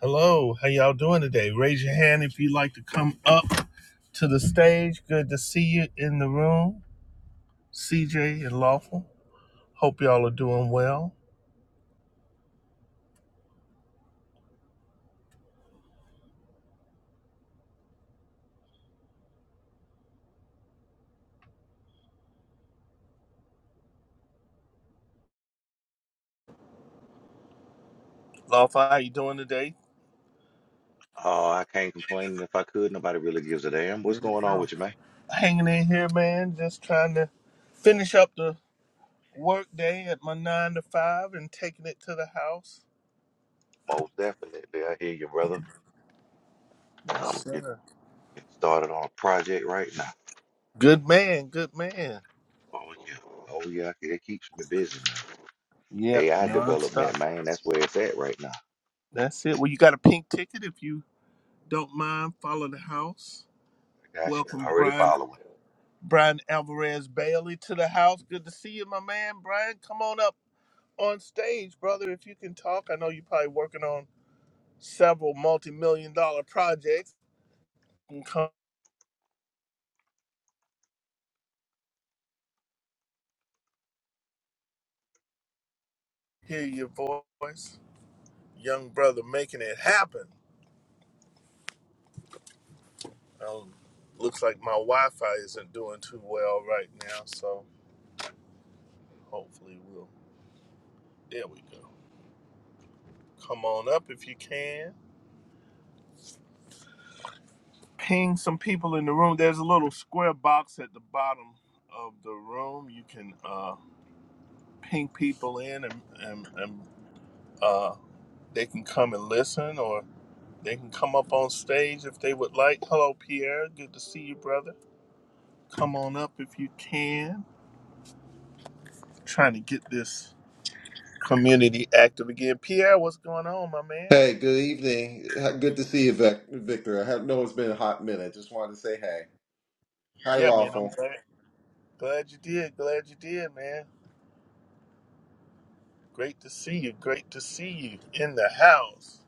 Hello, how y'all doing today? Raise your hand if you'd like to come up to the stage. Good to see you in the room, CJ and Lawful. Hope y'all are doing well. Lawful, how you doing today? Oh, I can't complain. And if I could, nobody really gives a damn. What's Good. going on No. with you, man? Hanging in here, man. Just trying to finish up the work day at my nine to five and taking it to the house. Most definitely. I hear you, brother. Yes, I'm getting, sir. getting started on a project right now. Good man, good man. Oh, yeah. Oh, yeah. It keeps me busy, man. Yeah, AI development, man. That's where it's at right now. I that's it. Well, you got a pink ticket if you don't mind. Follow the house. got you. Welcome, Already Brian following. Brian Alvarez Bailey to the house. Good to see you, my man. Brian, come on up on stage, brother, if you can talk. I know you're probably working on several multi million dollar projects. Can come hear your voice. Young brother making it happen. Um, looks like my Wi Fi isn't doing too well right now, so hopefully we'll. There we go. Come on up if you can. Ping some people in the room. There's a little square box at the bottom of the room. You can. Uh, ping people in and, and, and uh, they can come and listen or they can come up on stage if they would like. Hello, Pierre. Good to see you, brother. Come on up if you can. Trying to get this community active again. Pierre, what's going on, my man? Hey, good evening. Good to see you, Vic- Victor. I have- know it's been a hot minute. Just wanted to say hey. Hi, Yeah, man, I'm Lawful. glad. Glad you did. Glad you did, man. Great to see you. Great to see you in the house.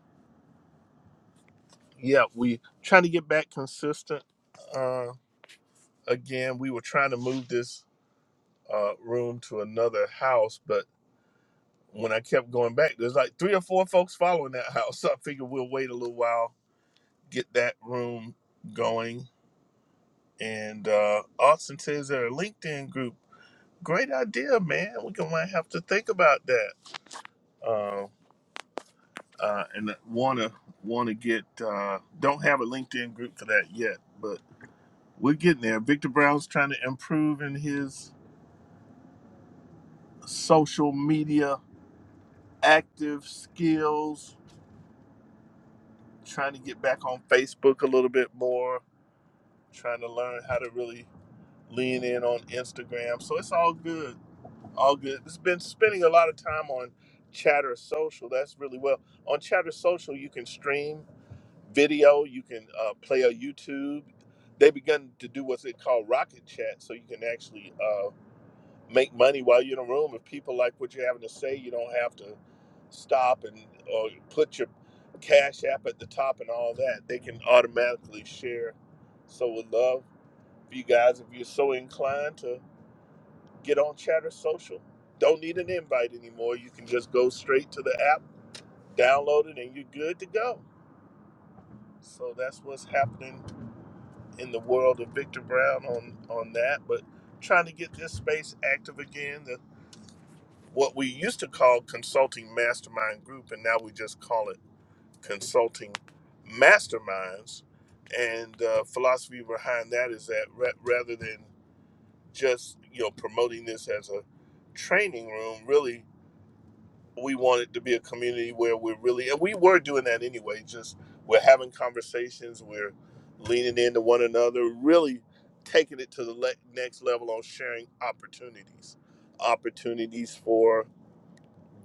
Yeah, we trying to get back consistent. Uh, again, we were trying to move this uh, room to another house, but when I kept going back, there's like three or four folks following that house. So I figured we'll wait a little while, get that room going. And uh, Austin says they're a LinkedIn group. Great idea, man. We can might have to think about that. Uh, uh, and wanna wanna get uh, don't have a LinkedIn group for that yet, but we're getting there. Victor Brown's trying to improve in his social media active skills trying to get back on Facebook a little bit more, trying to learn how to really lean in on Instagram. So it's all good. All good. It's been spending a lot of time on Chatter Social. That's really well. On Chatter Social, you can stream video, you can uh, play a YouTube. They begun to do what's it called Rocket Chat, so you can actually uh, make money while you're in a room. If people like what you're having to say, you don't have to stop and or put your cash app at the top and all that. They can automatically share. So would love for you guys if you're so inclined to get on Chatter Social. Don't need an invite anymore. You can just go straight to the app, download it, and you're good to go. So that's what's happening in the world of Victor Brown on on that. But trying to get this space active again. There's what we used to call consulting mastermind group, and now we just call it consulting masterminds. And uh, philosophy behind that is that ra- rather than just you know promoting this as a training room, really we want it to be a community where we're really and we were doing that anyway. Just we're having conversations, we're leaning into one another, really taking it to the le- next level on sharing opportunities, opportunities for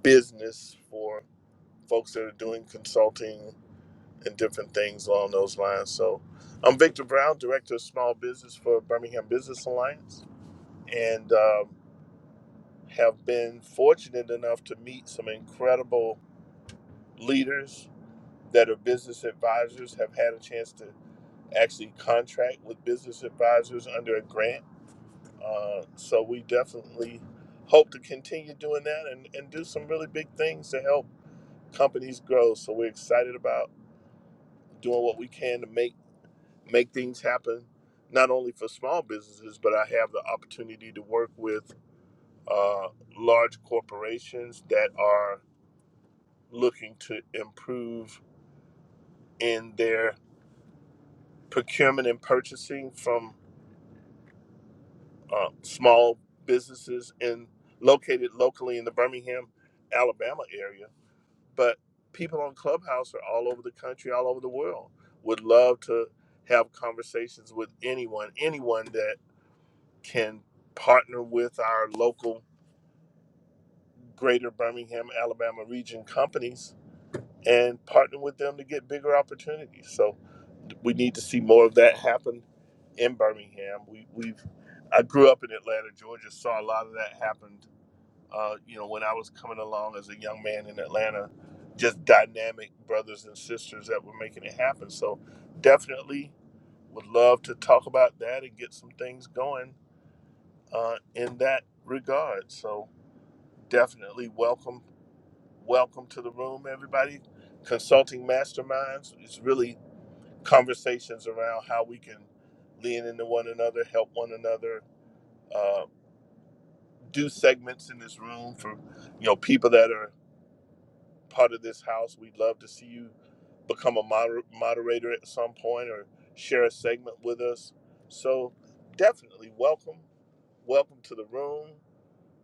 business for folks that are doing consulting and different things along those lines. So, I'm Victor Brown, Director of Small Business for Birmingham Business Alliance, and um, have been fortunate enough to meet some incredible leaders that are business advisors, have had a chance to actually contract with business advisors under a grant. Uh, so, we definitely hope to continue doing that and, and do some really big things to help companies grow. So, we're excited about doing what we can to make make things happen, not only for small businesses, but I have the opportunity to work with uh, large corporations that are looking to improve in their procurement and purchasing from uh, small businesses in located locally in the Birmingham, Alabama area. But people on Clubhouse are all over the country, all over the world. Would love to have conversations with anyone, anyone that. can partner with our local greater Birmingham, Alabama region companies and partner with them to get bigger opportunities. So we need to see more of that happen in Birmingham. We, we've I grew up in Atlanta, Georgia, saw a lot of that happen. Uh, you know, when I was coming along as a young man in Atlanta, just dynamic brothers and sisters that were making it happen. So definitely would love to talk about that and get some things going uh, in that regard. So definitely welcome welcome to the room everybody consulting masterminds is really conversations around how we can lean into one another help one another uh, do segments in this room for you know people that are part of this house we'd love to see you become a moder- moderator at some point or share a segment with us so definitely welcome welcome to the room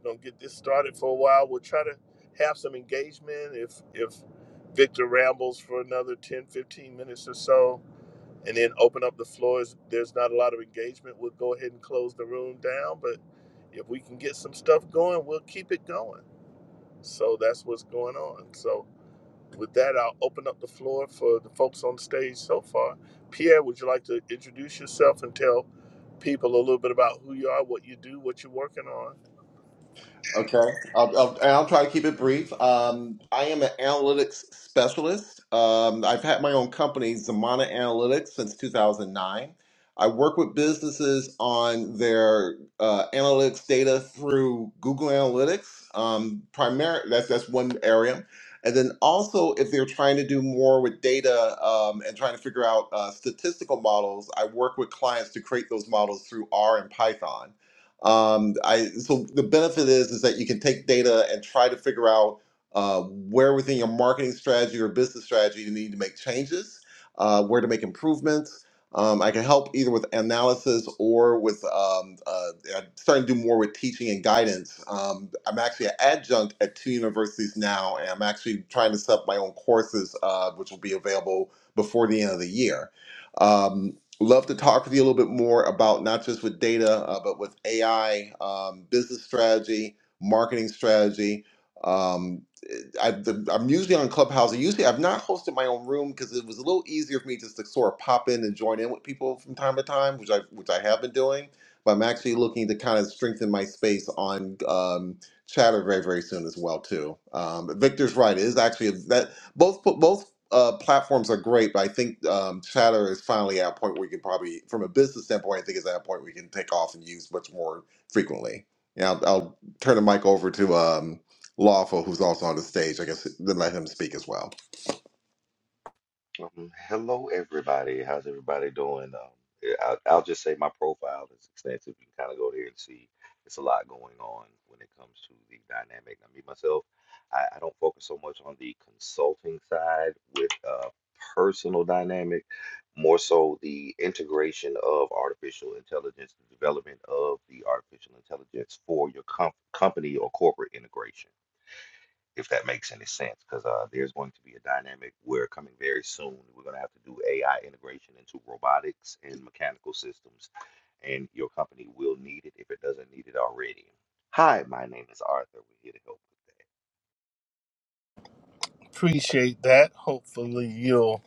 you know, get this started for a while. We'll try to have some engagement if if Victor rambles for another 10, 15 minutes or so, and then open up the floors. There's not a lot of engagement. We'll go ahead and close the room down, but if we can get some stuff going, we'll keep it going. So that's what's going on. So with that, I'll open up the floor for the folks on stage so far. Pierre, would you like to introduce yourself and tell people a little bit about who you are, what you do, what you're working on? Okay, I'll, I'll, and I'll try to keep it brief. Um, I am an analytics specialist. Um, I've had my own company, Zamana Analytics, since 2009. I work with businesses on their uh, analytics data through Google Analytics. Um, primary, that's that's one area, and then also if they're trying to do more with data um, and trying to figure out uh, statistical models, I work with clients to create those models through R and Python. Um, I so the benefit is is that you can take data and try to figure out uh, where within your marketing strategy or business strategy you need to make changes, uh, where to make improvements. Um, I can help either with analysis or with um, uh, I'm starting to do more with teaching and guidance. Um, I'm actually an adjunct at two universities now, and I'm actually trying to set up my own courses, uh, which will be available before the end of the year. Um, Love to talk with you a little bit more about not just with data, uh, but with AI, um, business strategy, marketing strategy. Um, I, the, I'm usually on Clubhouse. Usually, I've not hosted my own room because it was a little easier for me just to sort of pop in and join in with people from time to time, which I which I have been doing. But I'm actually looking to kind of strengthen my space on um, Chatter very very soon as well too. Um, Victor's right. It is actually that both both uh, platforms are great, but I think um, Chatter is finally at a point where you can probably, from a business standpoint, I think it's at a point where you can take off and use much more frequently. And I'll, I'll turn the mic over to um, Lawful, who's also on the stage. I guess then let him speak as well. Um, hello, everybody. How's everybody doing? Um, yeah, I'll, I'll just say my profile is extensive. You can kind of go there and see. It's a lot going on when it comes to the dynamic. I mean, myself, I, I don't focus so much on the consulting side with uh, personal dynamic, more so the integration of artificial intelligence, the development of the artificial intelligence for your com company or corporate integration if that makes any sense, because uh, there's going to be a dynamic where coming very soon, we're going to have to do AI integration into robotics and mechanical systems, and your company will need it if it doesn't need it already. Hi, my name is Arthur. We're here to help. Appreciate that. Hopefully, you'll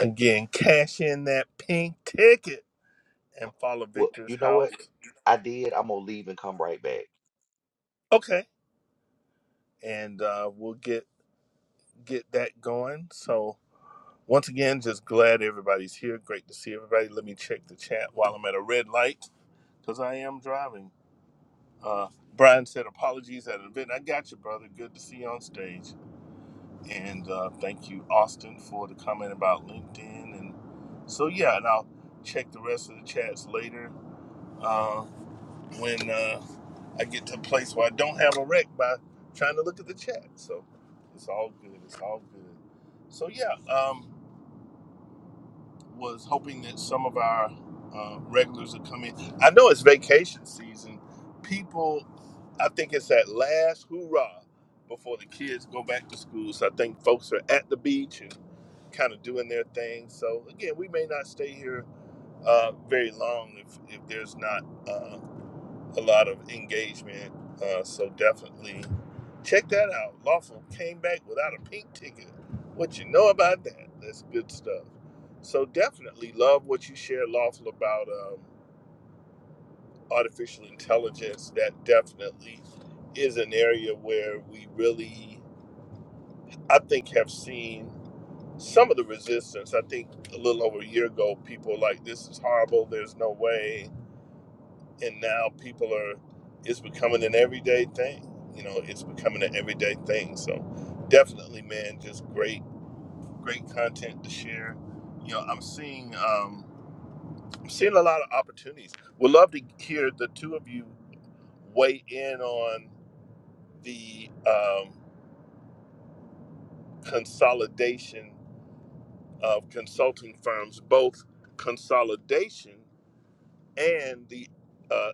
again cash in that pink ticket and follow Well, Victor's you know house. what? I did. I'm gonna leave and come right back. Okay, and uh, we'll get get that going. So once again, just glad everybody's here. Great to see everybody. Let me check the chat while I'm at a red light because I am driving. Uh, Brian said apologies at an event. I got you, brother. Good to see you on stage. And uh, thank you, Austin, for the comment about LinkedIn. And so yeah, and I'll check the rest of the chats later uh, when uh, I get to a place where I don't have a wreck by trying to look at the chat. So it's all good. It's all good. So yeah, um, was hoping that some of our uh, regulars would come in. I know it's vacation season. People, I think it's that last hoorah before the kids go back to school. So I think folks are at the beach and kind of doing their thing. So again, we may not stay here uh, very long if, if there's not. Uh, a lot of engagement. Uh, so definitely check that out. Lawful came back without a pink ticket. What you know about that? That's good stuff. So definitely love what you shared, Lawful, about um, artificial intelligence. That definitely is an area where we really, I think, have seen some of the resistance. I think a little over a year ago, people were like, this is horrible. There's no way. and now people are it's becoming an everyday thing you know it's becoming an everyday thing so definitely man just great great content to share you know i'm seeing um i'm seeing a lot of opportunities would love to hear the two of you weigh in on the um, consolidation of consulting firms, both consolidation and the uh,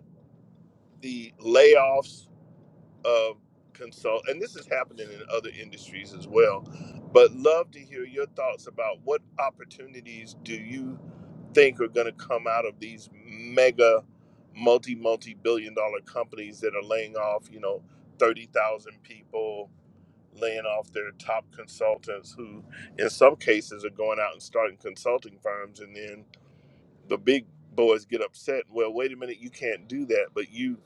the layoffs Of consult, and this is happening in other industries as well, but love to hear your thoughts about what opportunities do you think are going to come out of these mega multi multi billion dollar companies that are laying off, you know, 30,000 people, laying off their top consultants who in some cases are going out and starting consulting firms and then the big boys get upset. Well, wait a minute, you can't do that, but you,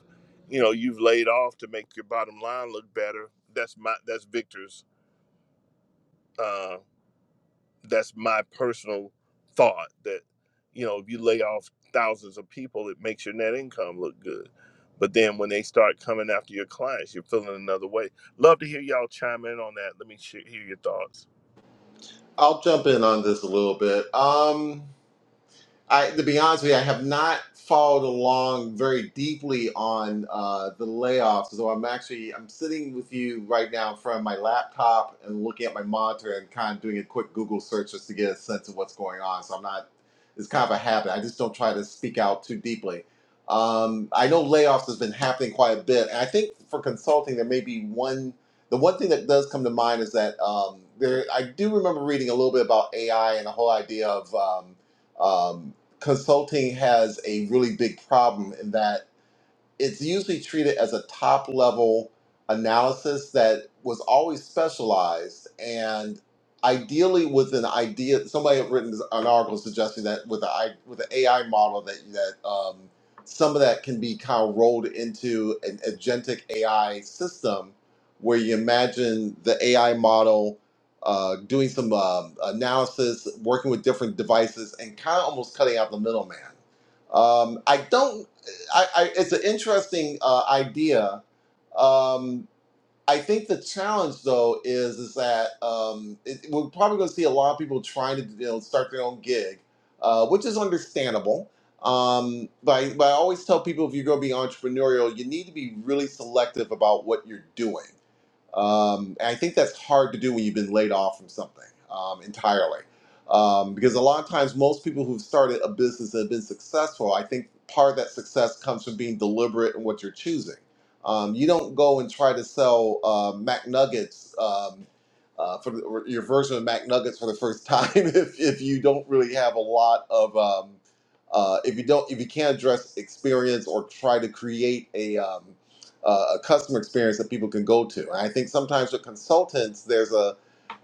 you know, you've laid off to make your bottom line look better. That's my that's Victor's. Uh, that's my personal thought that you know if you lay off thousands of people, it makes your net income look good. But then when they start coming after your clients, you're feeling another way. Love to hear y'all chime in on that. Let me sh- hear your thoughts. I'll jump in on this a little bit. Um, I, to be honest with you, I have not followed along very deeply on uh, the layoffs. So I'm actually I'm sitting with you right now in front of my laptop and looking at my monitor and kind of doing a quick Google search just to get a sense of what's going on. So I'm not. It's kind of a habit. I just don't try to speak out too deeply. Um, I know layoffs has been happening quite a bit, and I think for consulting there may be one. The one thing that does come to mind is that um, there. I do remember reading a little bit about AI and the whole idea of. Um, um, consulting has a really big problem in that it's usually treated as a top level analysis that was always specialized and ideally with an idea somebody had written an article suggesting that with the I with the AI model that that um, some of that can be kind of rolled into an agentic AI system where you imagine the AI model uh, doing some um, analysis working with different devices and kind of almost cutting out the middleman um, I don't. I, I it's an interesting uh, idea. Um, I think the challenge though is is that um, it, we're probably going to see a lot of people trying to you know, start their own gig, uh, which is understandable. Um, but, I, but I always tell people if you're going to be entrepreneurial, you need to be really selective about what you're doing um, and I think that's hard to do when you've been laid off from something um, entirely. Um, because a lot of times, most people who've started a business and have been successful, I think part of that success comes from being deliberate in what you're choosing. Um, you don't go and try to sell uh, McNuggets um, uh, for the, or your version of McNuggets for the first time if, if you don't really have a lot of um, uh, if you don't if you can't address experience or try to create a um, uh, a customer experience that people can go to. And I think sometimes with consultants, there's a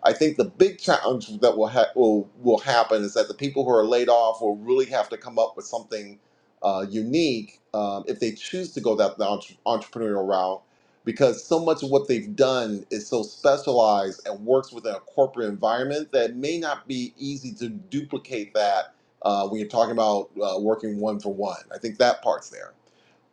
I think the big challenge that will ha- will will happen is that the people who are laid off will really have to come up with something uh, unique um, if they choose to go that the entre- entrepreneurial route, because so much of what they've done is so specialized and works within a corporate environment that may not be easy to duplicate that uh, when you're talking about uh, working one for one. I think that part's there.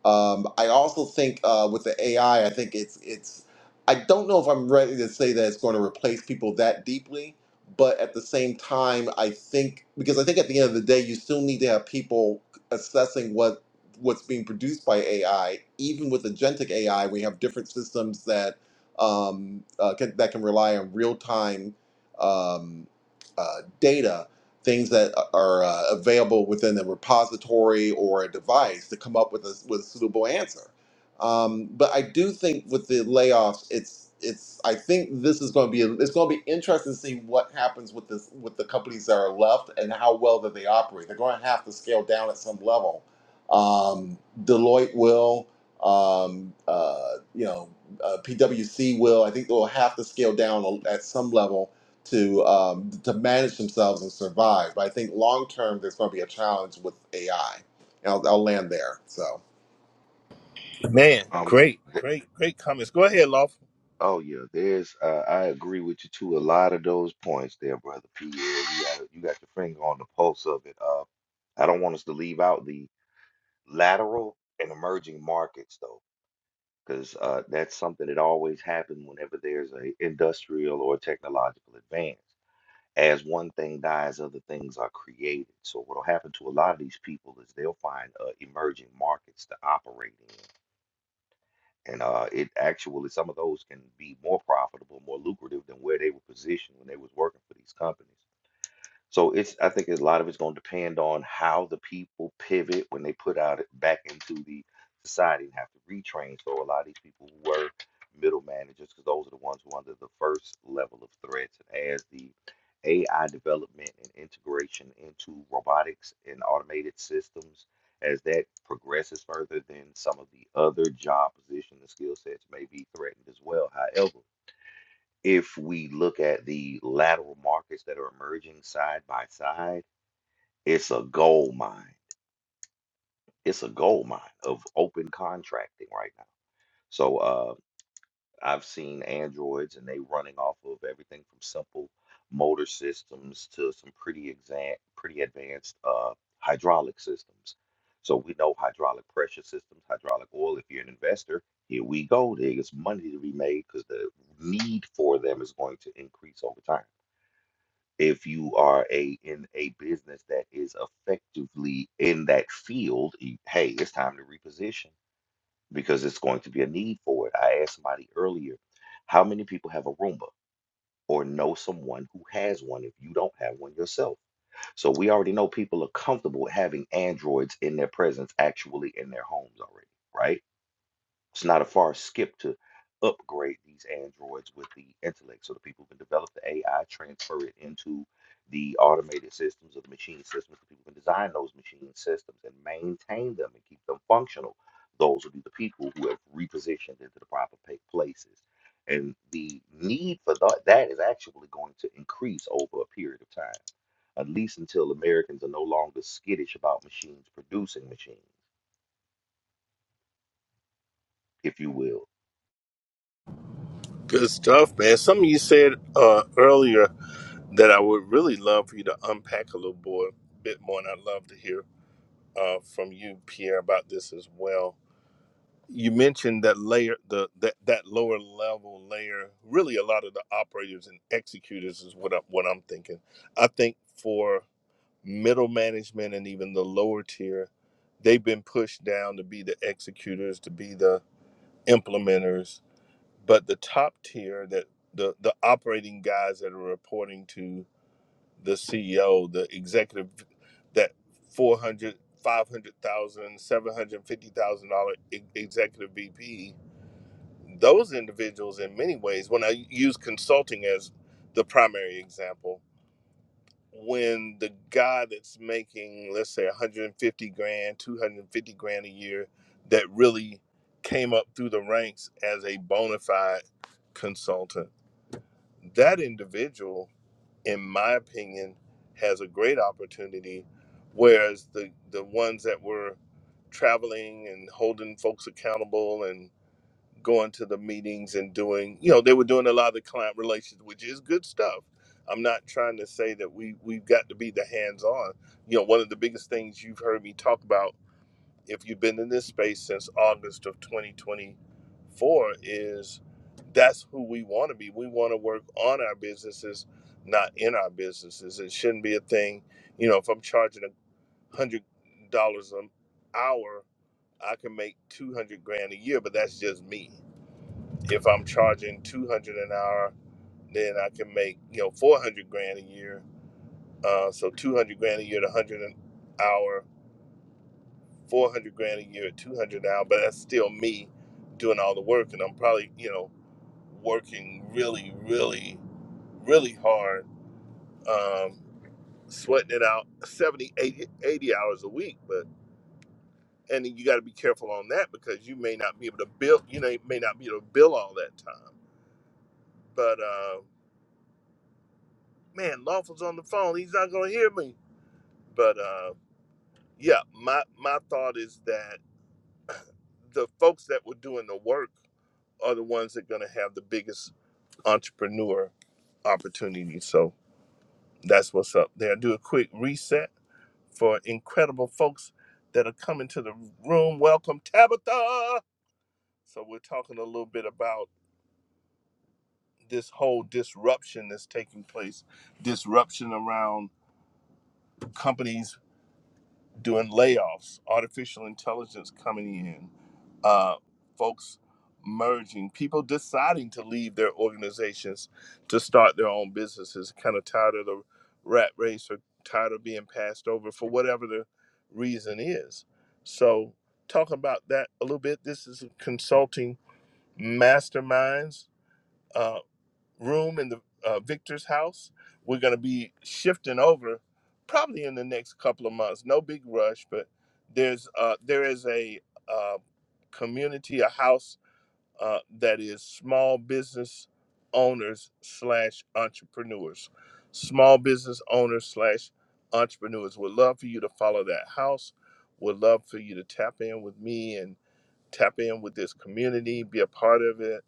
Um, I also think uh, with the AI, I I think it's it's. I don't know if I'm ready to say that it's going to replace people that deeply, but at the same time, I think because I think at the end of the day, you still need to have people assessing what what's being produced by AI. Even with agentic AI, we have different systems that um, uh, can, that can rely on real time um, uh, data things that are uh, available within the repository or a device to come up with a, with a suitable answer. Um, but I do think with the layoffs, it's it's. I think this is going to be it's going to be interesting to see what happens with this with the companies that are left and how well that they operate. They're going to have to scale down at some level. Um, Deloitte will, um, uh, you know, uh, PwC will. I think they'll have to scale down at some level to um, to manage themselves and survive. But I think long term, there's going to be a challenge with AI. And I'll, I'll land there. So Man, Um. great, th- great, great comments. Go ahead, Lawful. oh yeah. There's. Uh, I agree with you to a lot of those points there, brother Pierre. You got you got your finger on the pulse of it. Uh, I don't want us to leave out the. lateral and emerging markets though because uh, that's something that always happens whenever there's a industrial or technological advance as one thing dies other things are created so what will happen to a lot of these people is they'll find uh, emerging markets to operate in and uh, it actually some of those can be more profitable more lucrative than where they were positioned when they was working for these companies so it's I think a lot of it's going to depend on how the people pivot when they put out it back into the society and have to retrain. So a lot of these people who were middle managers, because those are the ones who are under the first level of threats. And as the AI development and integration into robotics and automated systems, as that progresses further, then some of the other job positions and skill sets may be threatened as well. However, if we look at the lateral markets that are emerging side by side, it's a gold mine. It's a gold mine of open contracting right now. So uh, I've seen Androids and they running off of everything from simple motor systems to some pretty exa- pretty advanced uh, hydraulic systems. So we know hydraulic pressure systems, hydraulic oil. If you're an investor, here we go. There's money to be made because the need for them is going to increase over time. if you are a in a business that is effectively in that field, you- hey, it's time to reposition because it's going to be a need for it. I asked somebody earlier, how many people have a Roomba or know someone who has one if you don't have one yourself? So we already know people are comfortable with having androids in their presence, actually in their homes already, right? It's not a far skip to upgrade these androids with the intellect so the people can develop the AI, transfer it into the automated systems or the machine systems. The people can design those machine systems and maintain them and keep them functional. Those will be the people who have repositioned into the proper pa- places. And the need for tha- that is actually going to increase over a period of time, at least until Americans are no longer skittish about machines producing machines, if you will Good stuff, man. Something you said uh, earlier that I would really love for you to unpack a little more, bit more, and I'd love to hear uh, from you, Pierre, about this as well. You mentioned that layer, the that, that lower level layer. Really, a lot of the operators and executors is what i what I'm thinking. I think for middle management and even the lower tier, they've been pushed down to be the executors, to be the implementers. But the top tier, that the the operating guys that are reporting to the CEO, the executive, that four hundred, five hundred thousand, 500,000, 750,000 dollar e, executive VP, those individuals in many ways, when I use consulting as the primary example, when the guy that's making, let's say 150 grand, 250 grand a year, that really came up through the ranks as a bona fide consultant, that individual in my opinion, has a great opportunity, whereas the the ones that were traveling and holding folks accountable and going to the meetings and doing, you know, they were doing a lot of the client relations, which is good stuff. I'm not trying to say that we we've got to be the hands on. You know, one of the biggest things you've heard me talk about if you've been in this space since August of 2024, is that's who we want to be. We want to work on our businesses, not in our businesses. It shouldn't be a thing. You know, if I'm charging a hundred dollars an hour, I can make two hundred grand a year, but that's just me. If I'm charging two hundred an hour, then I can make you know four hundred grand a year. Uh, so two hundred grand a year to hundred an hour 400 grand a year, 200 now, but that's still me doing all the work. And I'm probably, you know, working really, really, really hard, um, sweating it out 70, 80, 80 hours a week. But, and then you got to be careful on that because you may not be able to bill, you know, you may not be able to bill all that time. But, uh, man, Lawful's on the phone. He's not going to hear me. But, uh, yeah, my, my thought is that the folks that were doing the work are the ones that are going to have the biggest entrepreneur opportunity. So that's what's up there. Do a quick reset for incredible folks that are coming to the room. Welcome, Tabitha. So we're talking a little bit about this whole disruption that's taking place, disruption around companies doing layoffs, artificial intelligence coming in, uh, folks merging, people deciding to leave their organizations to start their own businesses, kind of tired of the rat race or tired of being passed over for whatever the reason is. So, talk about that a little bit. This is consulting masterminds. uh, room in the uh, Victor's house. We're going to be shifting over probably in the next couple of months. No big rush, but there's uh, there is a uh, community, a house uh, that is small business owners slash entrepreneurs. Small business owners slash entrepreneurs. Would love for you to follow that house. Would love for you to tap in with me and tap in with this community, be a part of it,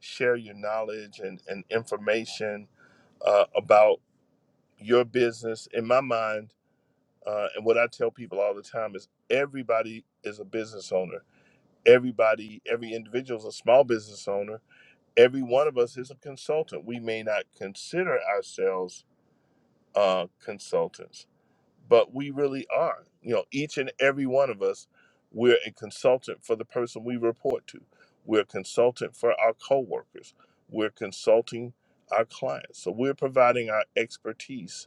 share your knowledge and, and information uh, about your business in my mind uh, and what i tell people all the time is everybody is a business owner everybody every individual is a small business owner every one of us is a consultant we may not consider ourselves uh, consultants but we really are you know each and every one of us we're a consultant for the person we report to we're a consultant for our coworkers we're consulting our clients so we're providing our expertise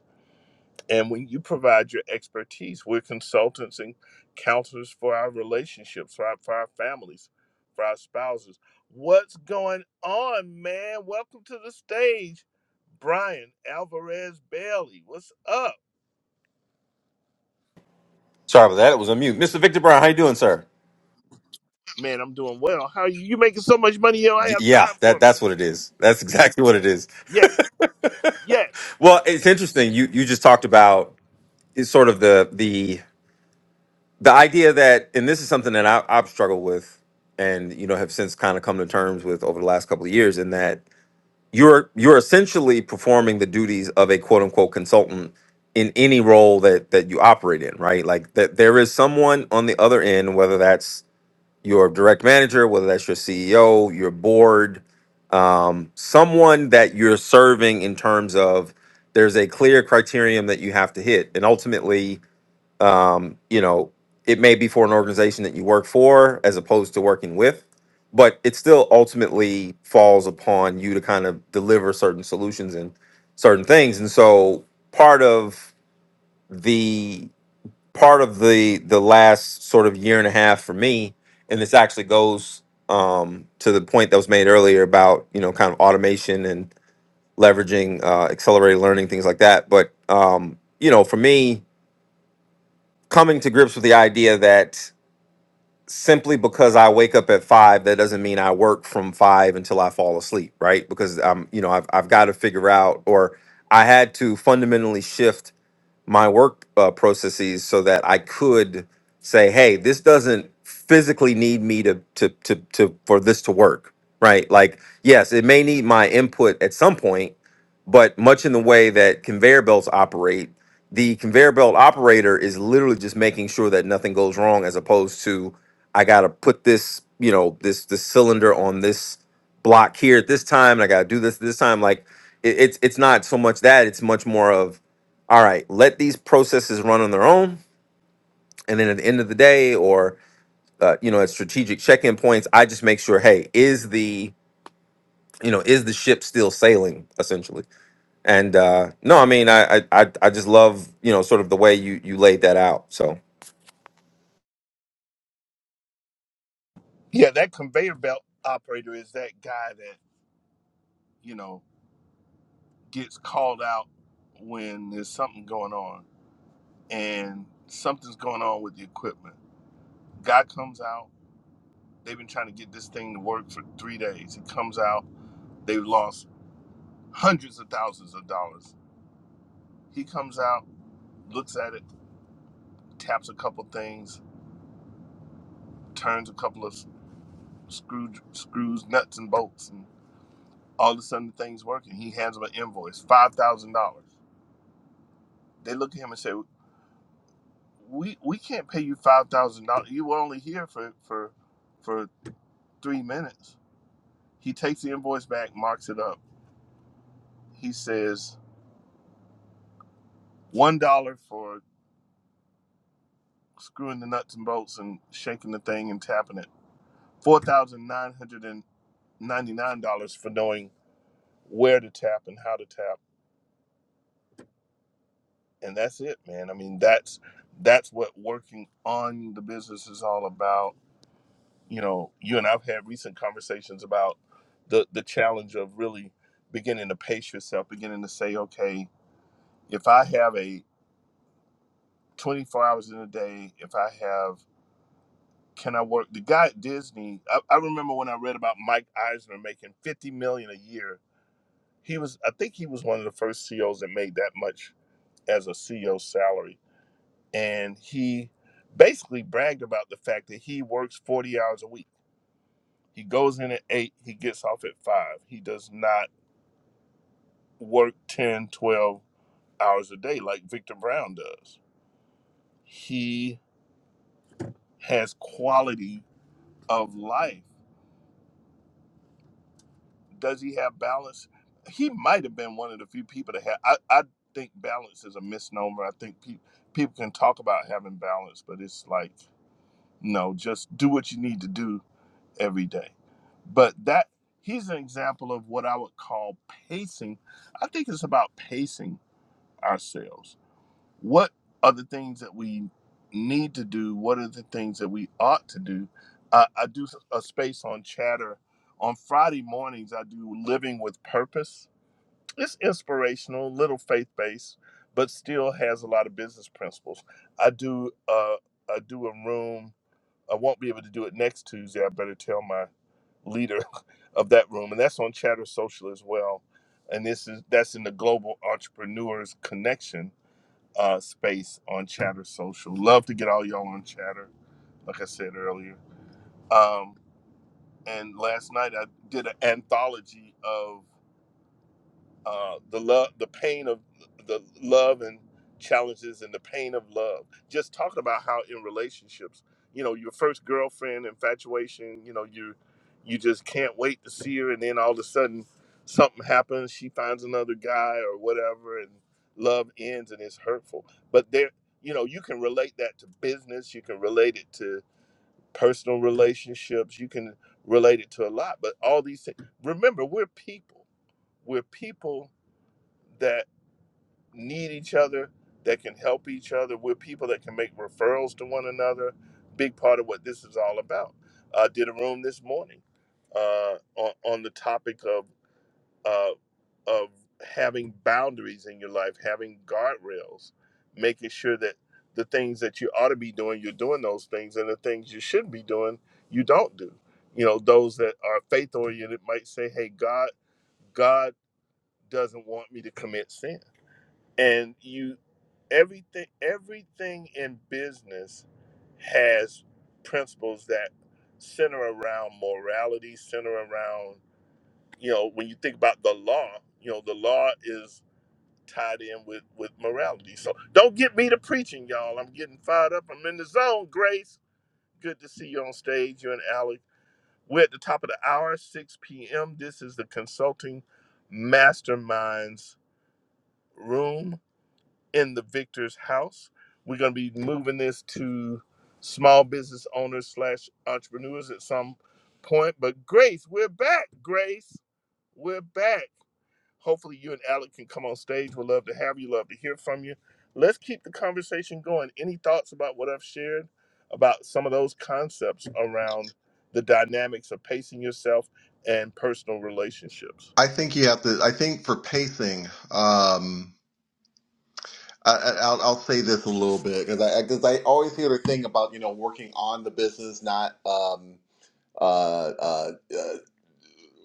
And when you provide your expertise, we're consultants and counselors for our relationships, for our, for our families, for our spouses. What's going on, man? Welcome to the stage, Brian Alvarez Bailey. What's up? Sorry about that. It was on mute. Mr. Victor Brown, how you doing, sir? Man, I'm doing well. How are you? You making so much money? You don't Y- have yeah, time that for me. that's what it is. That's exactly what it is. Yes, yes. Well, it's interesting. You you just talked about is sort of the the the idea that, and this is something that I, I've struggled with, and you know have since kind of come to terms with over the last couple of years, in that you're you're essentially performing the duties of a quote unquote consultant in any role that that you operate in, right? Like that there is someone on the other end, whether that's your direct manager, whether that's your CEO, your board, um, someone that you're serving in terms of there's a clear criterion that you have to hit. And ultimately, um, you know, it may be for an organization that you work for as opposed to working with, but it still ultimately falls upon you to kind of deliver certain solutions and certain things. And so part of the part of the the last sort of year and a half for me and this actually goes um, to the point that was made earlier about you know kind of automation and leveraging uh, accelerated learning things like that but um, you know for me coming to grips with the idea that simply because i wake up at five that doesn't mean i work from five until i fall asleep right because i'm you know i've, I've got to figure out or i had to fundamentally shift my work uh, processes so that I could say, "Hey, this doesn't physically need me to to to to for this to work." Right? Like, yes, it may need my input at some point, but much in the way that conveyor belts operate, the conveyor belt operator is literally just making sure that nothing goes wrong, as opposed to I got to put this, you know, this this cylinder on this block here at this time, and I got to do this this time. Like, it, it's it's not so much that; it's much more of all right, let these processes run on their own. And then at the end of the day, or uh, you know, at strategic check-in points, I just make sure, hey, is the you know is the ship still sailing essentially? And uh, no, I mean, I, I I I just love you know sort of the way you you laid that out. So Yeah, that conveyor belt operator is that guy that, you know, gets called out when there's something going on and something's going on with the equipment Guy comes out. They've been trying to get this thing to work for three days. He comes out. They've lost hundreds of thousands of dollars. He comes out, looks at it, taps a couple things, turns a couple of s- screw, screws, nuts, and bolts, and all of a sudden the thing's working. He hands them an invoice, five thousand dollars. They look at him and say, "We we can't pay you five thousand dollars. You were only here for for for three minutes." He takes the invoice back, marks it up. He says, one dollar for screwing the nuts and bolts and shaking the thing and tapping it. Four thousand nine hundred and ninety nine dollars for knowing where to tap and how to tap, and that's it, man. I mean, that's that's what working on the business is all about. You know, you and I've had recent conversations about the the challenge of really beginning to pace yourself, beginning to say, okay, if I have a 24 hours in a day, if I have can I work? The guy at Disney, I, I remember when I read about Mike Eisner making fifty million dollars a year. He was, I think, he was one of the first CEOs that made that much as a CEO salary, and he basically bragged about the fact that he works forty hours a week. He goes in at eight, he gets off at five. He does not work 10, 12 hours a day like Victor Brown does. He has quality of life Does he have balance? He might have been one of the few people that had. I, I think balance is a misnomer. I think pe- people can talk about having balance, but it's like no, just do what you need to do every day. But that he's an example of what I would call pacing. I think it's about pacing ourselves what are the things that we need to do? What are the things that we ought to do? I, I do a space on chatter. On Friday mornings, I do Living with Purpose. It's inspirational, little faith based, but still has a lot of business principles. I do uh, I do a room. I won't be able to do it next Tuesday. I better tell my leader of that room, and that's on Chatter Social as well. And this is that's in the Global Entrepreneurs Connection uh, space on Chatter Social. Love to get all y'all on Chatter, like I said earlier. Um, and last night I did an anthology of uh, the love, the pain of the love and challenges and the pain of love. Just talking about how in relationships, you know, your first girlfriend infatuation, you know, you you just can't wait to see her, and then all of a sudden something happens. She finds another guy or whatever, and love ends, and it's hurtful. But there, you know, you can relate that to business. You can relate it to personal relationships. You can relate it to a lot. But all these things. Remember, we're people. We're people that need each other, that can help each other. We're people that can make referrals to one another. Big part of what this is all about. I did a room this morning uh, on, on the topic of uh, of having boundaries in your life, having guardrails, making sure that the things that you ought to be doing, you're doing those things, and the things you shouldn't be doing, you don't do. You know, those that are faith oriented might say, "Hey, God, God doesn't want me to commit sin." and you everything everything in business has principles that center around morality center around you know when you think about the law you know the law is tied in with with morality so don't get me to preaching y'all i'm getting fired up i'm in the zone grace good to see you on stage you and alec we're at the top of the hour 6 p.m this is the consulting masterminds room in the victor's house. We're going to be moving this to small business owners slash entrepreneurs at some point. But Grace, we're back. Grace, we're back. Hopefully, you and Alec can come on stage. We'd love to have you. Love to hear from you. Let's keep the conversation going. Any thoughts about what I've shared about some of those concepts around the dynamics of pacing yourself and personal relationships? I think you have to. I think for pacing, um, I, I- I'll, I'll say this a little bit because I because I always hear the thing about you know working on the business, not um, uh, uh, uh,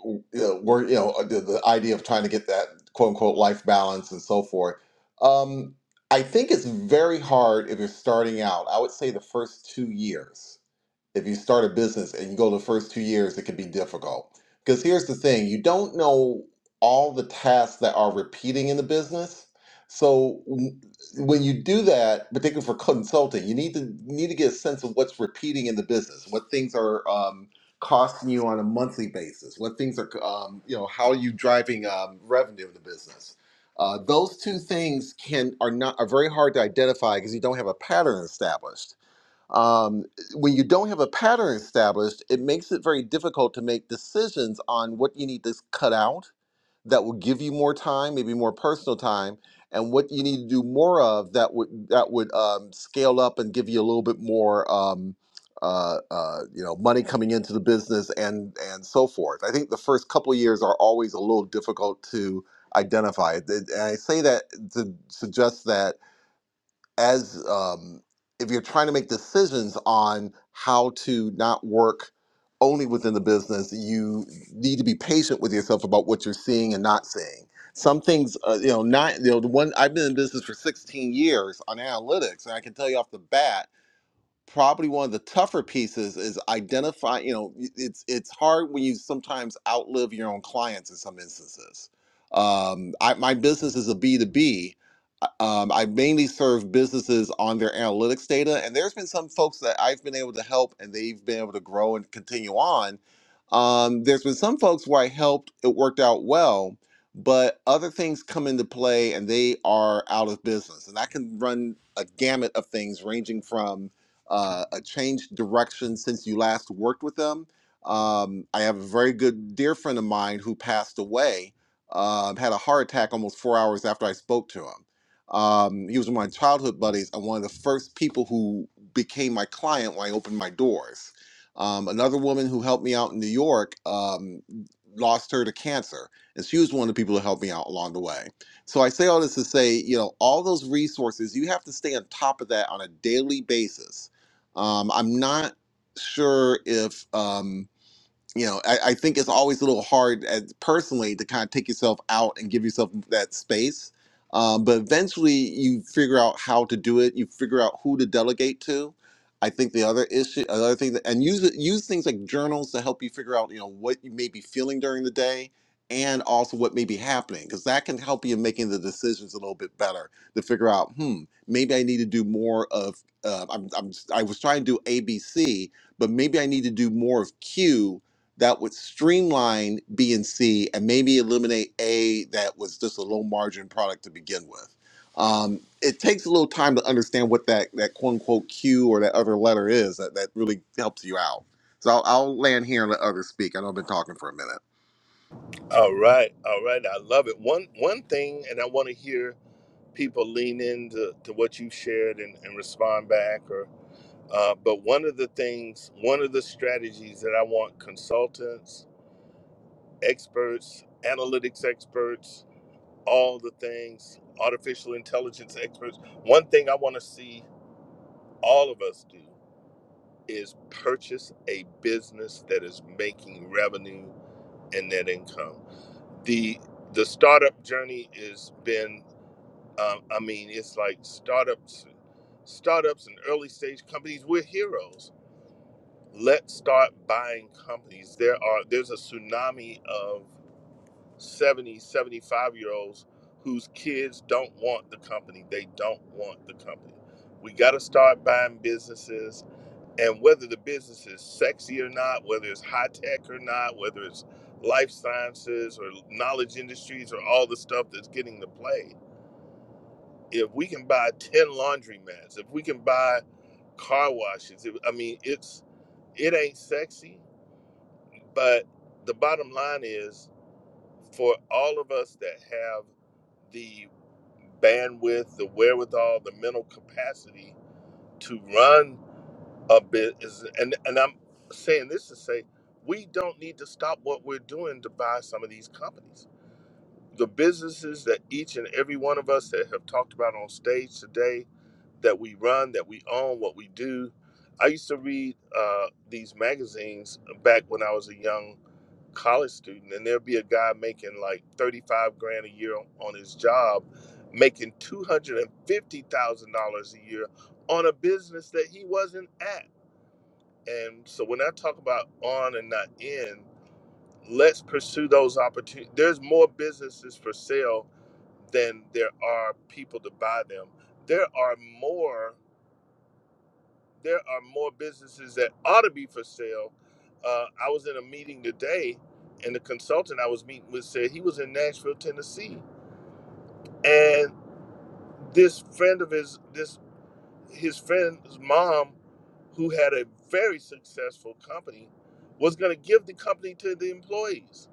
you know, work, you know, the, the idea of trying to get that quote unquote life balance and so forth. Um, I think it's very hard if you're starting out. I would say the first two years if you start a business and you go the first two years, it can be difficult. Because here's the thing you don't know all the tasks that are repeating in the business. So w- when you do that, particularly for consulting, you need to you need to get a sense of what's repeating in the business, what things are um, costing you on a monthly basis, what things are um, you know how are you driving um, revenue in the business. Uh, those two things can are not are very hard to identify because you don't have a pattern established um, when you don't have a pattern established, it makes it very difficult to make decisions on what you need to cut out that will give you more time, maybe more personal time, and what you need to do more of that would that would um, scale up and give you a little bit more. Um, uh, uh, you know, money coming into the business and and so forth. I think the first couple of years are always a little difficult to identify. Th- And I say that to suggest that as um, if you're trying to make decisions on how to not work only within the business, you need to be patient with yourself about what you're seeing and not seeing. Some things, uh, you know, not you know the one I've been in business for 16 years on analytics, and I can tell you off the bat probably one of the tougher pieces is identify you know y- it's it's hard when you sometimes outlive your own clients in some instances um, I, my business is a b2b I- um, i mainly serve businesses on their analytics data and there's been some folks that i've been able to help and they've been able to grow and continue on um, there's been some folks where i helped it worked out well but other things come into play and they are out of business and that can run a gamut of things ranging from uh, a changed direction since you last worked with them. Um, I have a very good dear friend of mine who passed away, um, had a heart attack almost four hours after I spoke to him. Um, he was one of my childhood buddies and one of the first people who became my client when I opened my doors. Um, another woman who helped me out in New York um, lost her to cancer, and she was one of the people who helped me out along the way. So I say all this to say, you know, all those resources, you have to stay on top of that on a daily basis um, I'm not sure if. Um, you know, I, I think it's always a little hard as personally to kind of take yourself out and give yourself that space. Um, but eventually you figure out how to do it. You figure out who to delegate to. I think the other issue, another thing that, and use it- use things like journals to help you figure out, you know, what you may be feeling during the day and also what may be happening, because that can help you in making the decisions a little bit better to figure out, hmm, maybe I need to do more of, uh, I'm, I'm, I was trying to do ABC, but maybe I need to do more of Q that would streamline B and C and maybe eliminate A that was just a low margin product to begin with. Um, it takes a little time to understand what that that quote unquote Q or that other letter is that, that really helps you out. So I'll, I'll land here and let others speak. I know I've been talking for a minute. All right, all right. I love it. One one thing, and I want to hear people lean into to what you shared and, and respond back or uh, but one of the things one of the strategies that i want consultants experts analytics experts all the things artificial intelligence experts one thing i want to see all of us do is purchase a business that is making revenue and net income the the startup journey has been Um, I mean, it's like startups, startups and early stage companies. We're heroes. Let's start buying companies. There are there's a tsunami of 70, 75 year olds whose kids don't want the company. They don't want the company. We got to start buying businesses, and whether the business is sexy or not, whether it's high tech or not, whether it's life sciences or knowledge industries or all the stuff that's getting the play if we can buy 10 laundromats, if we can buy car washes, if, I mean, it's it ain't sexy, but the bottom line is for all of us that have the bandwidth, the wherewithal, the mental capacity to run a business, and and I'm saying this to say we don't need to stop what we're doing to buy some of these companies. The businesses that each and every one of us that have talked about on stage today that we run, that we own, what we do. I used to read uh, these magazines back when I was a young college student, and there'd be a guy making like 35 grand a year on, on his job, making $250,000 a year on a business that he wasn't at. And so when I talk about on and not in, let's pursue those opportunities. There's more businesses for sale than there are people to buy them. There are more there are more businesses that ought to be for sale. Uh, I was in a meeting today, and the consultant I was meeting with said he was in Nashville, Tennessee, and this friend of his, this his friend's mom, who had a very successful company, was going to give the company to the employees.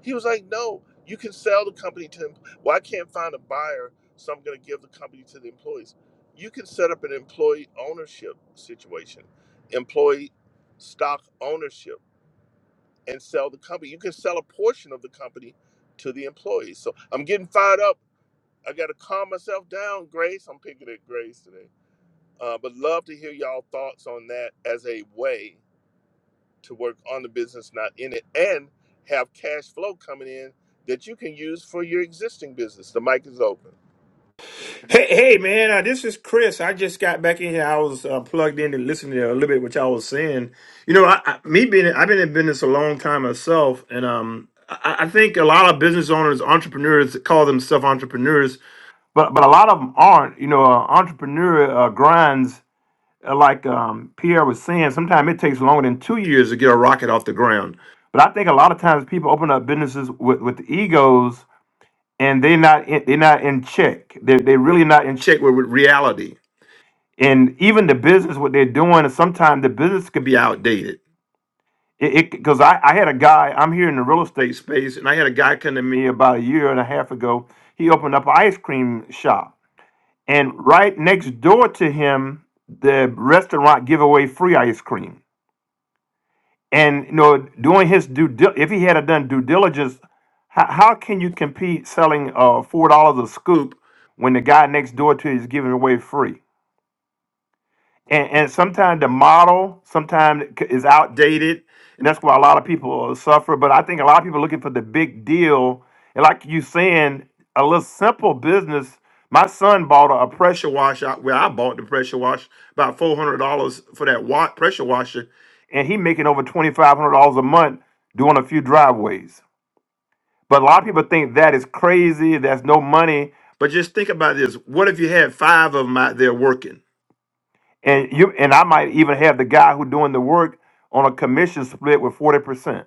He was like, "No, you can sell the company to. them. Well, I can't find a buyer, so I'm going to give the company to the employees. You can set up an employee ownership situation, employee stock ownership, and sell the company. You can sell a portion of the company to the employees. So I'm getting fired up. I got to calm myself down, Grace. I'm picking at Grace today. Uh, but love to hear y'all thoughts on that as a way to work on the business, not in it, and have cash flow coming in that you can use for your existing business. The mic is open. Hey, hey, man, uh, this is Chris. I just got back in here. I was uh, plugged in and listening to a little bit what y'all was saying. You know, I, I, me being I've been in business a long time myself, and um, I, I think a lot of business owners, entrepreneurs, call themselves entrepreneurs, but but a lot of them aren't. You know, uh, entrepreneur uh, grinds. uh, Like um, Pierre was saying, sometimes it takes longer than two years to get a rocket off the ground. But I think a lot of times people open up businesses with, with egos and they're not in, they're not in check. They're, they're really not in check with, with reality. And even the business, what they're doing, sometimes the business could be outdated. It because I, I had a guy, I'm here in the real estate space, and I had a guy come to me about a year and a half ago. He opened up an ice cream shop, and right next door to him, the restaurant give away free ice cream. and you know doing his due dil- if he had a done due diligence how, how can you compete selling uh four dollars a scoop when the guy next door to you is giving it away free and, and sometimes the model sometimes is outdated and that's why a lot of people suffer but i think a lot of people are looking for the big deal and like you saying a little simple business my son bought a, a pressure washer where i bought the pressure washer about $400 for that watt pressure washer and he making over $2500 a month doing a few driveways but a lot of people think that is crazy that's no money but just think about this what if you had five of them out there working and you and I might even have the guy who doing the work on a commission split with forty percent.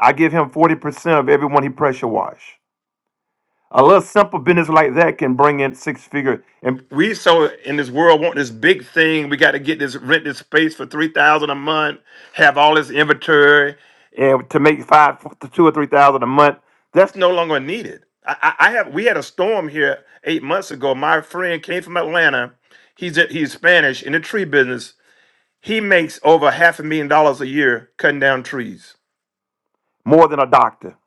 I give him forty percent of everyone he pressure wash. A little simple business like that can bring in six figure. And we so in this world want this big thing. We got to get this rent this space for three thousand a month. Have all this inventory and to make five to two or three thousand a month. That's no longer needed. I, I I have. We had a storm here eight months ago. My friend came from Atlanta. He's he's Spanish in the tree business he makes over half a million dollars a year cutting down trees, more than a doctor.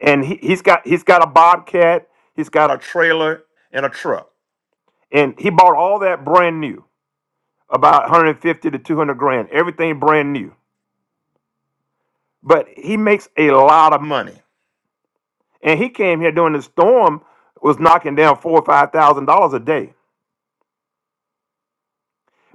And he, he's got he's got a bobcat, he's got a trailer and a truck, and he bought all that brand new, about 150 to 200 grand, everything brand new. But he makes a lot of money, and he came here during the storm was knocking down four or five thousand dollars a day.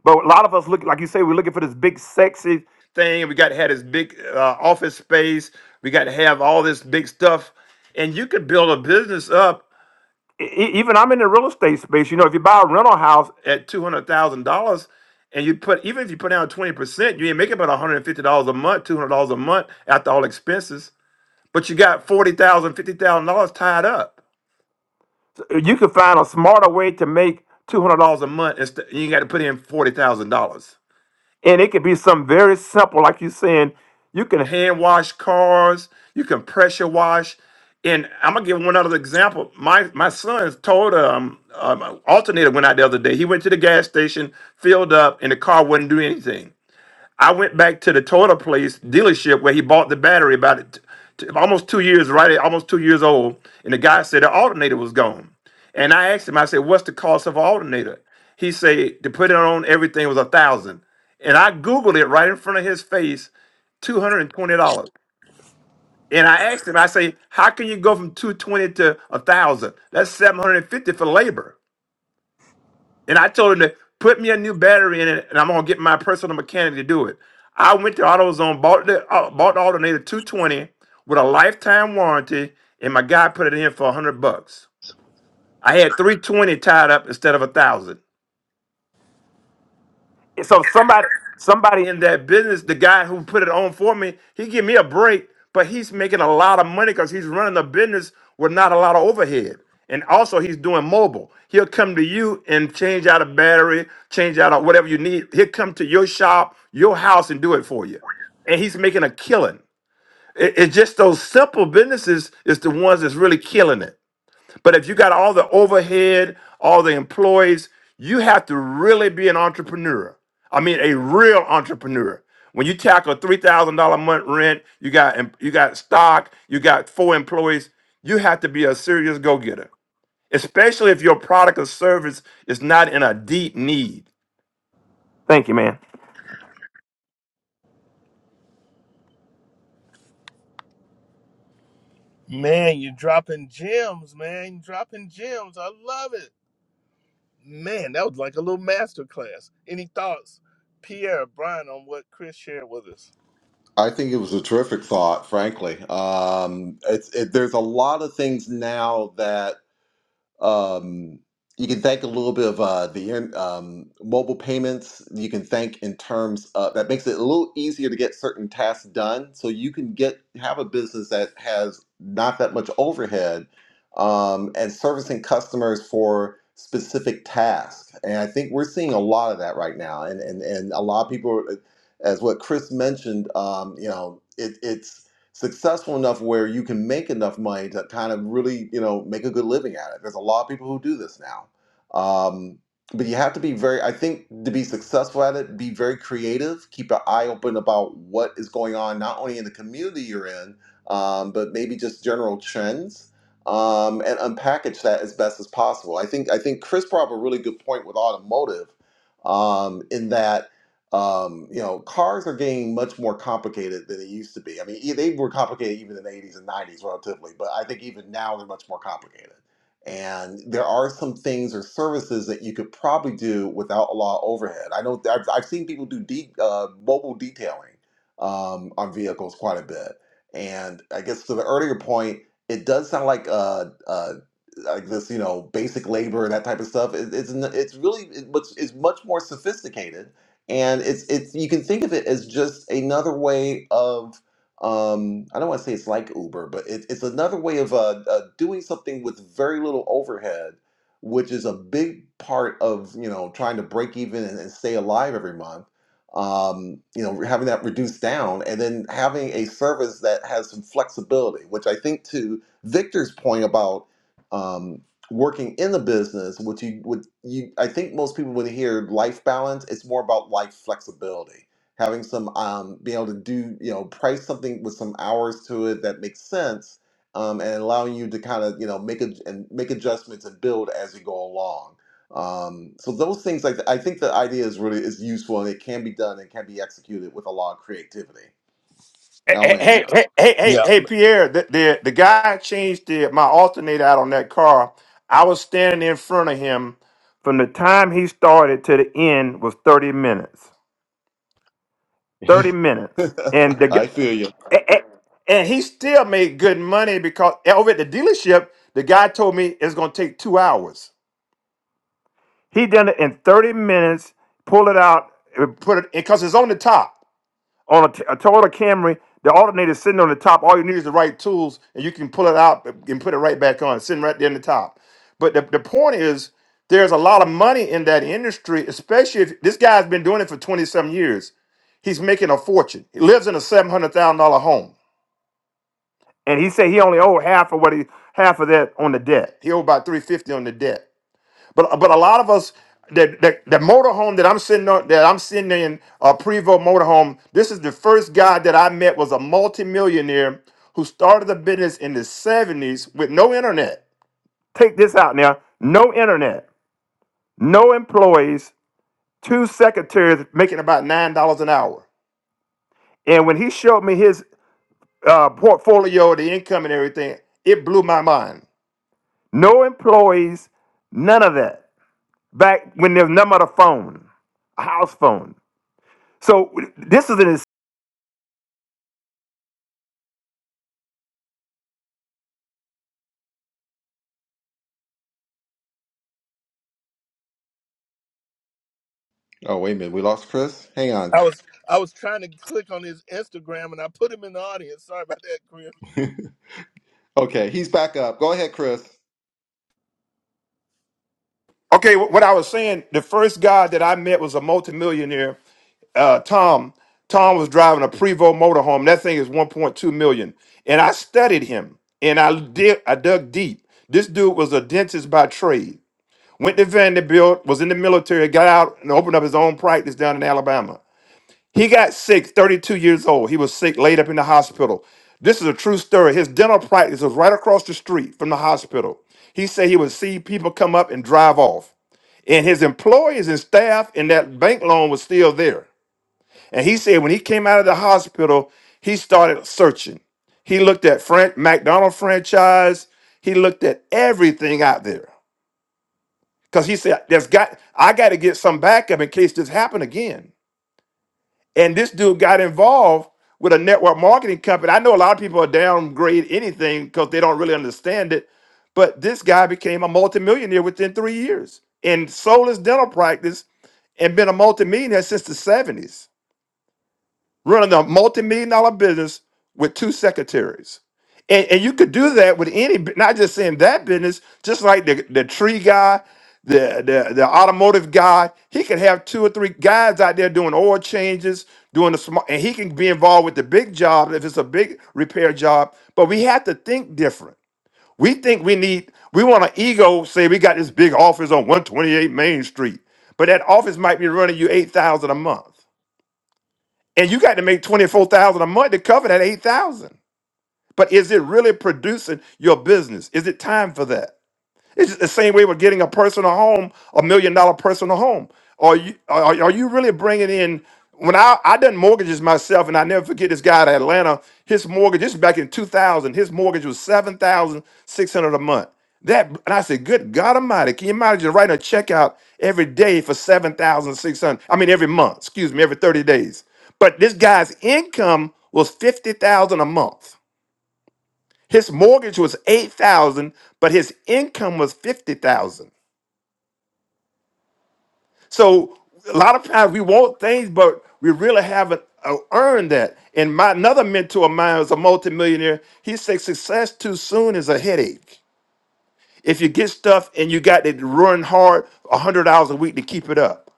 But a lot of us look, like you say, we're looking for this big sexy thing. We got to have this big uh, office space. We got to have all this big stuff, and you could build a business up. E- e- Even I'm in the real estate space. You know, if you buy a rental house at two hundred thousand dollars, and you put even if you put down twenty percent, you ain't making about one hundred and fifty dollars a month, two hundred dollars a month after all expenses. But you got forty thousand, fifty thousand dollars tied up. You could find a smarter way to make two hundred dollars a month. Instead, you got to put in forty thousand dollars. And it could be something very simple, like you're saying, you can hand wash cars, you can pressure wash. And I'm gonna give one other example. My my son told um, um alternator went out the other day. He went to the gas station, filled up, and the car wouldn't do anything. I went back to the Toyota place dealership where he bought the battery about it, t- almost two years, right? at Almost two years old. And the guy said the alternator was gone. And I asked him, I said, what's the cost of an alternator? He said to put it on everything was a thousand. And I Googled it right in front of his face, $220. And twenty dollars. And I asked him, I say, how can you go from 220 to a thousand? That's 750 for labor. And I told him to put me a new battery in it, and I'm gonna get my personal mechanic to do it. I went to AutoZone, bought the uh, bought the alternator 220 with a lifetime warranty, and my guy put it in for 100 bucks. I had 320 tied up instead of a thousand so somebody somebody in that business, the guy who put it on for me, he give me a break, but he's making a lot of money because he's running a business with not a lot of overhead. And also he's doing mobile. He'll come to you and change out a battery, change out a- whatever you need. He'll come to your shop, your house, and do it for you. And he's making a killing. It- it's just those simple businesses is the ones that's really killing it. But if you got all the overhead, all the employees, you have to really be an entrepreneur. I mean, a real entrepreneur. When you tackle three thousand dollar month rent, you got you got stock, you got four employees. You have to be a serious go getter, especially if your product or service is not in a deep need. Thank you, man. Man, you're dropping gems, man. You're dropping gems. I love it. Man, that was like a little master class. Any thoughts, Pierre, Brian, on what Chris shared with us? I think it was a terrific thought, frankly. Um, it's, it, there's a lot of things now that Um, you can thank a little bit of uh, the in- um, mobile payments. You can thank in terms of that makes it a little easier to get certain tasks done. So you can get have a business that has not that much overhead um, and servicing customers for specific tasks. And I think we're seeing a lot of that right now. And and and a lot of people, as what Chris mentioned, um, you know, it, it's successful enough where you can make enough money to kind of really, you know, make a good living at it. There's a lot of people who do this now. Um, but you have to be very, I think, to be successful at it, be very creative, keep an eye open about what is going on, not only in the community you're in, um, but maybe just general trends. Um, and unpackage that as best as possible. I think I think Chris brought up a really good point with automotive, um, in that um, you know, cars are getting much more complicated than they used to be. I mean, e- they were complicated even in the 80s and 90s relatively, but I think even now they're much more complicated. And there are some things or services that you could probably do without a lot of overhead. I know I've, I've seen people do de- uh, mobile detailing um, on vehicles quite a bit. And I guess to the earlier point, it does sound like uh, uh, like this, you know, basic labor and that type of stuff. It, it's n- it's really it, much it's much more sophisticated, and it's it's you can think of it as just another way of um, I don't want to say it's like Uber, but it, it's another way of uh, uh, doing something with very little overhead, which is a big part of you know trying to break even and, and stay alive every month. Um, you know, having that reduced down, and then having a service that has some flexibility, which I think to Victor's point about um, working in the business, which you would you I think most people would hear life balance. It's more about life flexibility, having some um, being able to do you know price something with some hours to it that makes sense, um, and allowing you to kind of you know make a, and make adjustments and build as you go along. Um, so those things like I think the idea is really is useful and it can be done and can be executed with a lot of creativity. I'll Hey, land hey, hey, hey, hey, Yeah. hey, Pierre, the, the the guy changed the my alternator out on that car. I was standing in front of him from the time he started to the end was 30 minutes. 30 there. minutes. And the I gu- feel you. and, and- and he still made good money because eh, over at the dealership, the guy told me it's gonna take two hours. He done it in 30 minutes, pull it out, and put it because it's on the top. On a, t- a Toyota Camry, the alternator is sitting on the top. All you need is the right tools, and you can pull it out and put it right back on, sitting right there in the top. But the, the point is, there's a lot of money in that industry, especially if this guy's been doing it for 20 some years. He's making a fortune. He lives in a $700,000 home. And he said he only owed half of what he half of that on the debt. He owed about 350 on the debt. But but a lot of us that the, the motorhome that I'm sitting on that I'm sitting in a uh, Prevo motorhome. This is the first guy that I met was a multimillionaire who started a business in the 70s with no internet. Take this out now. No internet, no employees, two secretaries making about nine dollars an hour. And when he showed me his uh, portfolio, the income and everything, it blew my mind. No employees, none of that. back when there's nothing but a phone, a house phone. So this is an Oh wait a minute, we lost Chris. Hang on. I was I was trying to click on his Instagram and I put him in the audience. Sorry about that, Chris. Okay, he's back up. Go ahead, Chris. okay. wh- What I was saying, the first guy that I met was a multimillionaire, uh, Tom. Tom was driving a Prevost motorhome. That thing is 1.2 million. And I studied him, and I did. I dug deep. This dude was a dentist by trade. Went to Vanderbilt, was in the military, got out and opened up his own practice down in Alabama. He got sick, 32 years old. He was sick, laid up in the hospital. This is a true story. His dental practice was right across the street from the hospital. He said he would see people come up and drive off. And his employees and staff and that bank loan was still there. And he said when he came out of the hospital, he started searching. He looked at Frank McDonald franchise. He looked at everything out there. Because he said, There's got I gotta get some backup in case this happened again. And this dude got involved with a network marketing company. I know a lot of people are downgrade anything because they don't really understand it, but this guy became a multimillionaire within three years and sold his dental practice and been a multimillionaire since the 70s running a multi-million dollar business with two secretaries. And, and you could do that with any, bu- not just in that business, just like the, the tree guy, the, the, the automotive guy, he could have two or three guys out there doing oil changes, doing the small, and he can be involved with the big job if it's a big repair job. But we have to think different. We think we need, we want an ego, say we got this big office on 128 Main Street, but that office might be running you 8,000 a month and you got to make 24,000 a month to cover that 8,000. But is it really producing your business? Is it time for that? It's the same way with getting a personal home, a million dollar personal home. Are you are, are you really bringing in? When I I done mortgages myself, and I never forget this guy in Atlanta. His mortgage, this is back in two thousand. His mortgage was seven thousand six hundred a month. That and I said, good God Almighty, can you imagine writing a check out every day for seven thousand six hundred? I mean, every month. Excuse me, every thirty days. But this guy's income was fifty thousand a month. His mortgage was eight thousand, but his income was fifty thousand. So a lot of times we want things, but we really haven't uh, earned that. And my another mentor of mine was a multimillionaire. He said success too soon is a headache. If you get stuff and you got to run hard a hundred hours a week to keep it up.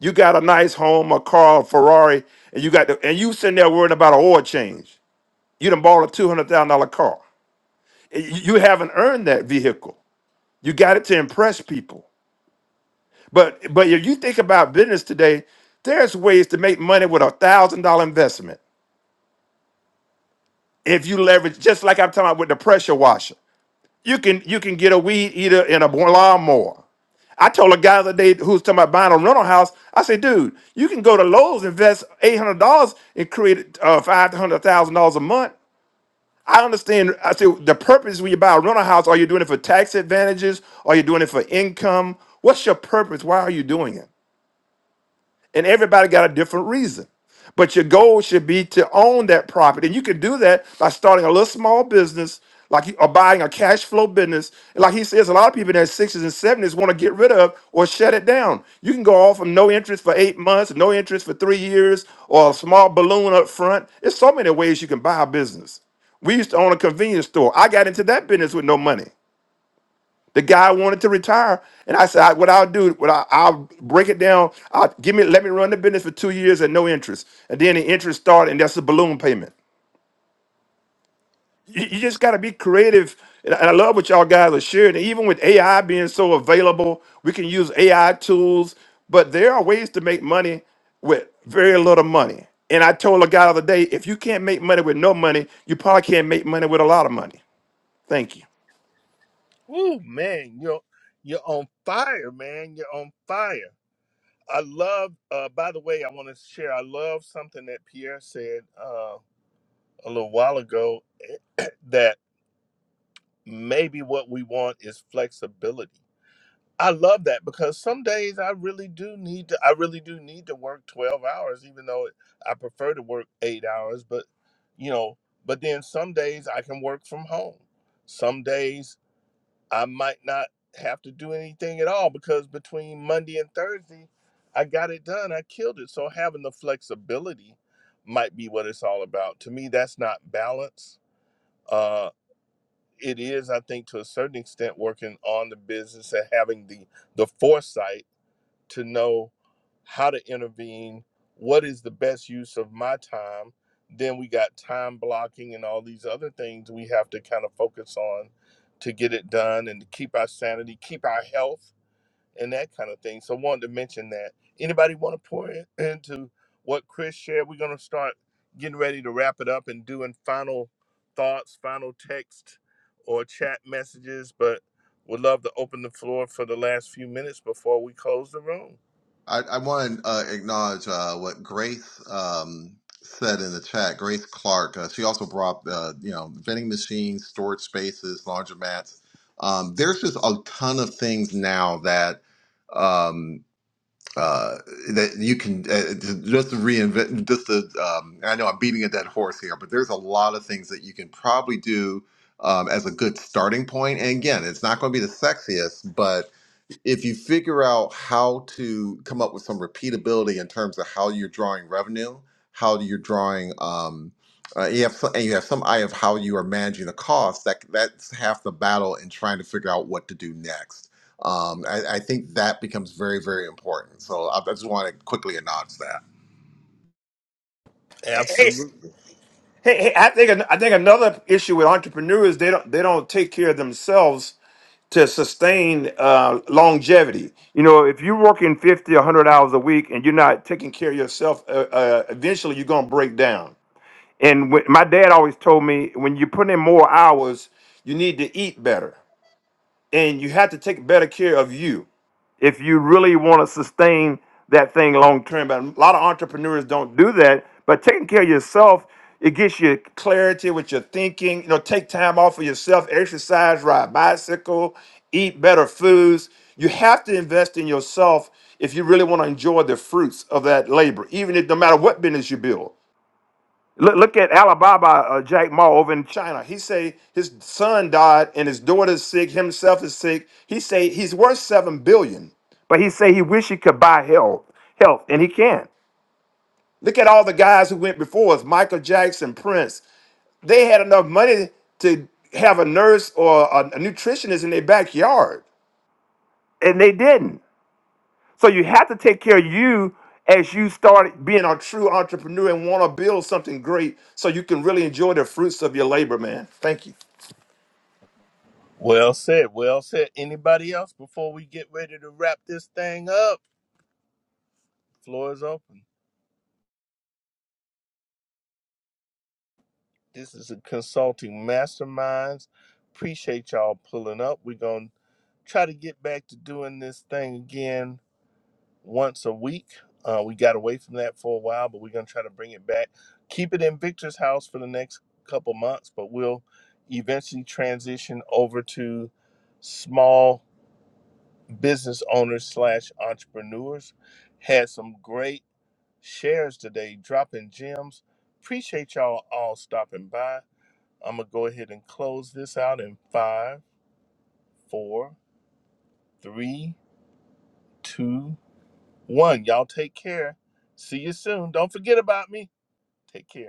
You got a nice home, a car, a Ferrari, and you got to, and you sitting there worrying about an oil change. You done bought a two hundred thousand dollar car. You you haven't earned that vehicle. You got it to impress people. But but if you think about business today, there's ways to make money with a thousand dollar investment. If you leverage, just like I'm talking about with the pressure washer, you can you can get a weed eater and a lawnmower. I told a guy the other day who was talking about buying a rental house. I said, dude, you can go to Lowe's, invest eight hundred dollars, and create uh, five hundred thousand dollars a month. I understand. I said the purpose when you buy a rental house, are you doing it for tax advantages? Are you doing it for income? What's your purpose? Why are you doing it? and everybody got a different reason. But your goal should be to own that property, and you can do that by starting a little small business, like you- or buying a cash flow business. And like he says, a lot of people in their sixties and seventies want to get rid of or shut it down. You can go off from no interest for eight months, no interest for three years, or a small balloon up front. There's so many ways you can buy a business. We used to own a convenience store. I got into that business with no money. The guy wanted to retire, and I said, I, "What I'll do, what I, I'll break it down. I'll give me, let me run the business for two years at no interest, and then the interest started, and that's a balloon payment. You, you just got to be creative, and I, and I love what y'all guys are sharing. And even with AI being so available, we can use AI tools, but there are ways to make money with very little money. And I told a guy the other day, if you can't make money with no money, you probably can't make money with a lot of money. Thank Woo, man, you're you're on fire, man. You're on fire. I love. Uh, by the way, I want to share. I love something that Pierre said uh, a little while ago. that maybe what we want is flexibility. I love that because some days I really do need to. I really do need to work twelve hours, even though I prefer to work eight hours. But you know, but then some days I can work from home. Some days I might not have to do anything at all because between Monday and Thursday, I got it done. I killed it. So having the flexibility might be what it's all about. To me, that's not balance. Uh, it is, I think, to a certain extent, working on the business and having the the foresight to know how to intervene, what is the best use of my time. Then we got time blocking and all these other things we have to kind of focus on to get it done and to keep our sanity, keep our health, and that kind of thing. So, I wanted to mention that. Anybody want to pour in, into what Chris shared? We're going to start getting ready to wrap it up and doing final thoughts, final text or chat messages, but would love to open the floor for the last few minutes before we close the room. I, I want to uh, acknowledge uh, what Grace um, said in the chat. Grace Clark. Uh, she also brought uh, you know vending machines, storage spaces, laundromats. Um, there's just a ton of things now that um, uh, that you can uh, just to reinvent. Just to, um, I know I'm beating a dead horse here, but there's a lot of things that you can probably do um, as a good starting point. And again, it's not going to be the sexiest, but if you figure out how to come up with some repeatability in terms of how you're drawing revenue, how you're drawing, um, uh, you have some, and you have some eye of how you are managing the cost. That that's half the battle in trying to figure out what to do next. Um, I, I think that becomes very very important. So I, I just want to quickly announce that. you. Absolutely. Hey, hey, I think I think another issue with entrepreneurs they don't they don't take care of themselves to sustain uh, longevity. You know, if you're working 50 100 hours a week and you're not taking care of yourself, uh, uh, eventually you're gonna break down. And when, my dad always told me when you put in more hours, you need to eat better, and you have to take better care of you if you really want to sustain that thing long term. But a lot of entrepreneurs don't do that. But taking care of yourself, it gets you clarity with your thinking. You know, take time off for yourself, exercise, ride a bicycle, eat better foods. You have to invest in yourself if you really want to enjoy the fruits of that labor, even if no matter what business you build. Look, look at Alibaba uh, Jack Ma over in China. He say his son died and his daughter's sick. Himself is sick. He say he's worth seven billion, but he say he wish he could buy health, health, and he can't. Look at all the guys who went before us: Michael Jackson, Prince. They had enough money to have a nurse or a, a nutritionist in their backyard, and they didn't. So you have to take care of you as you start being a true entrepreneur and want to build something great so you can really enjoy the fruits of your labor, man. Thank you. Well said. Well said. Anybody else before we get ready to wrap this thing up? Floor is open. This is a consulting masterminds. Appreciate y'all pulling up. We're going to try to get back to doing this thing again once a week. Uh, we got away from that for a while, but we're going to try to bring it back. Keep it in Victor's house for the next couple months, but we'll eventually transition over to small business owners slash entrepreneurs. Had some great shares today, dropping gems. Appreciate y'all all stopping by. I'm gonna go ahead and close this out in five, four, three, two, one. Y'all take care. See you soon. Don't forget about me. Take care.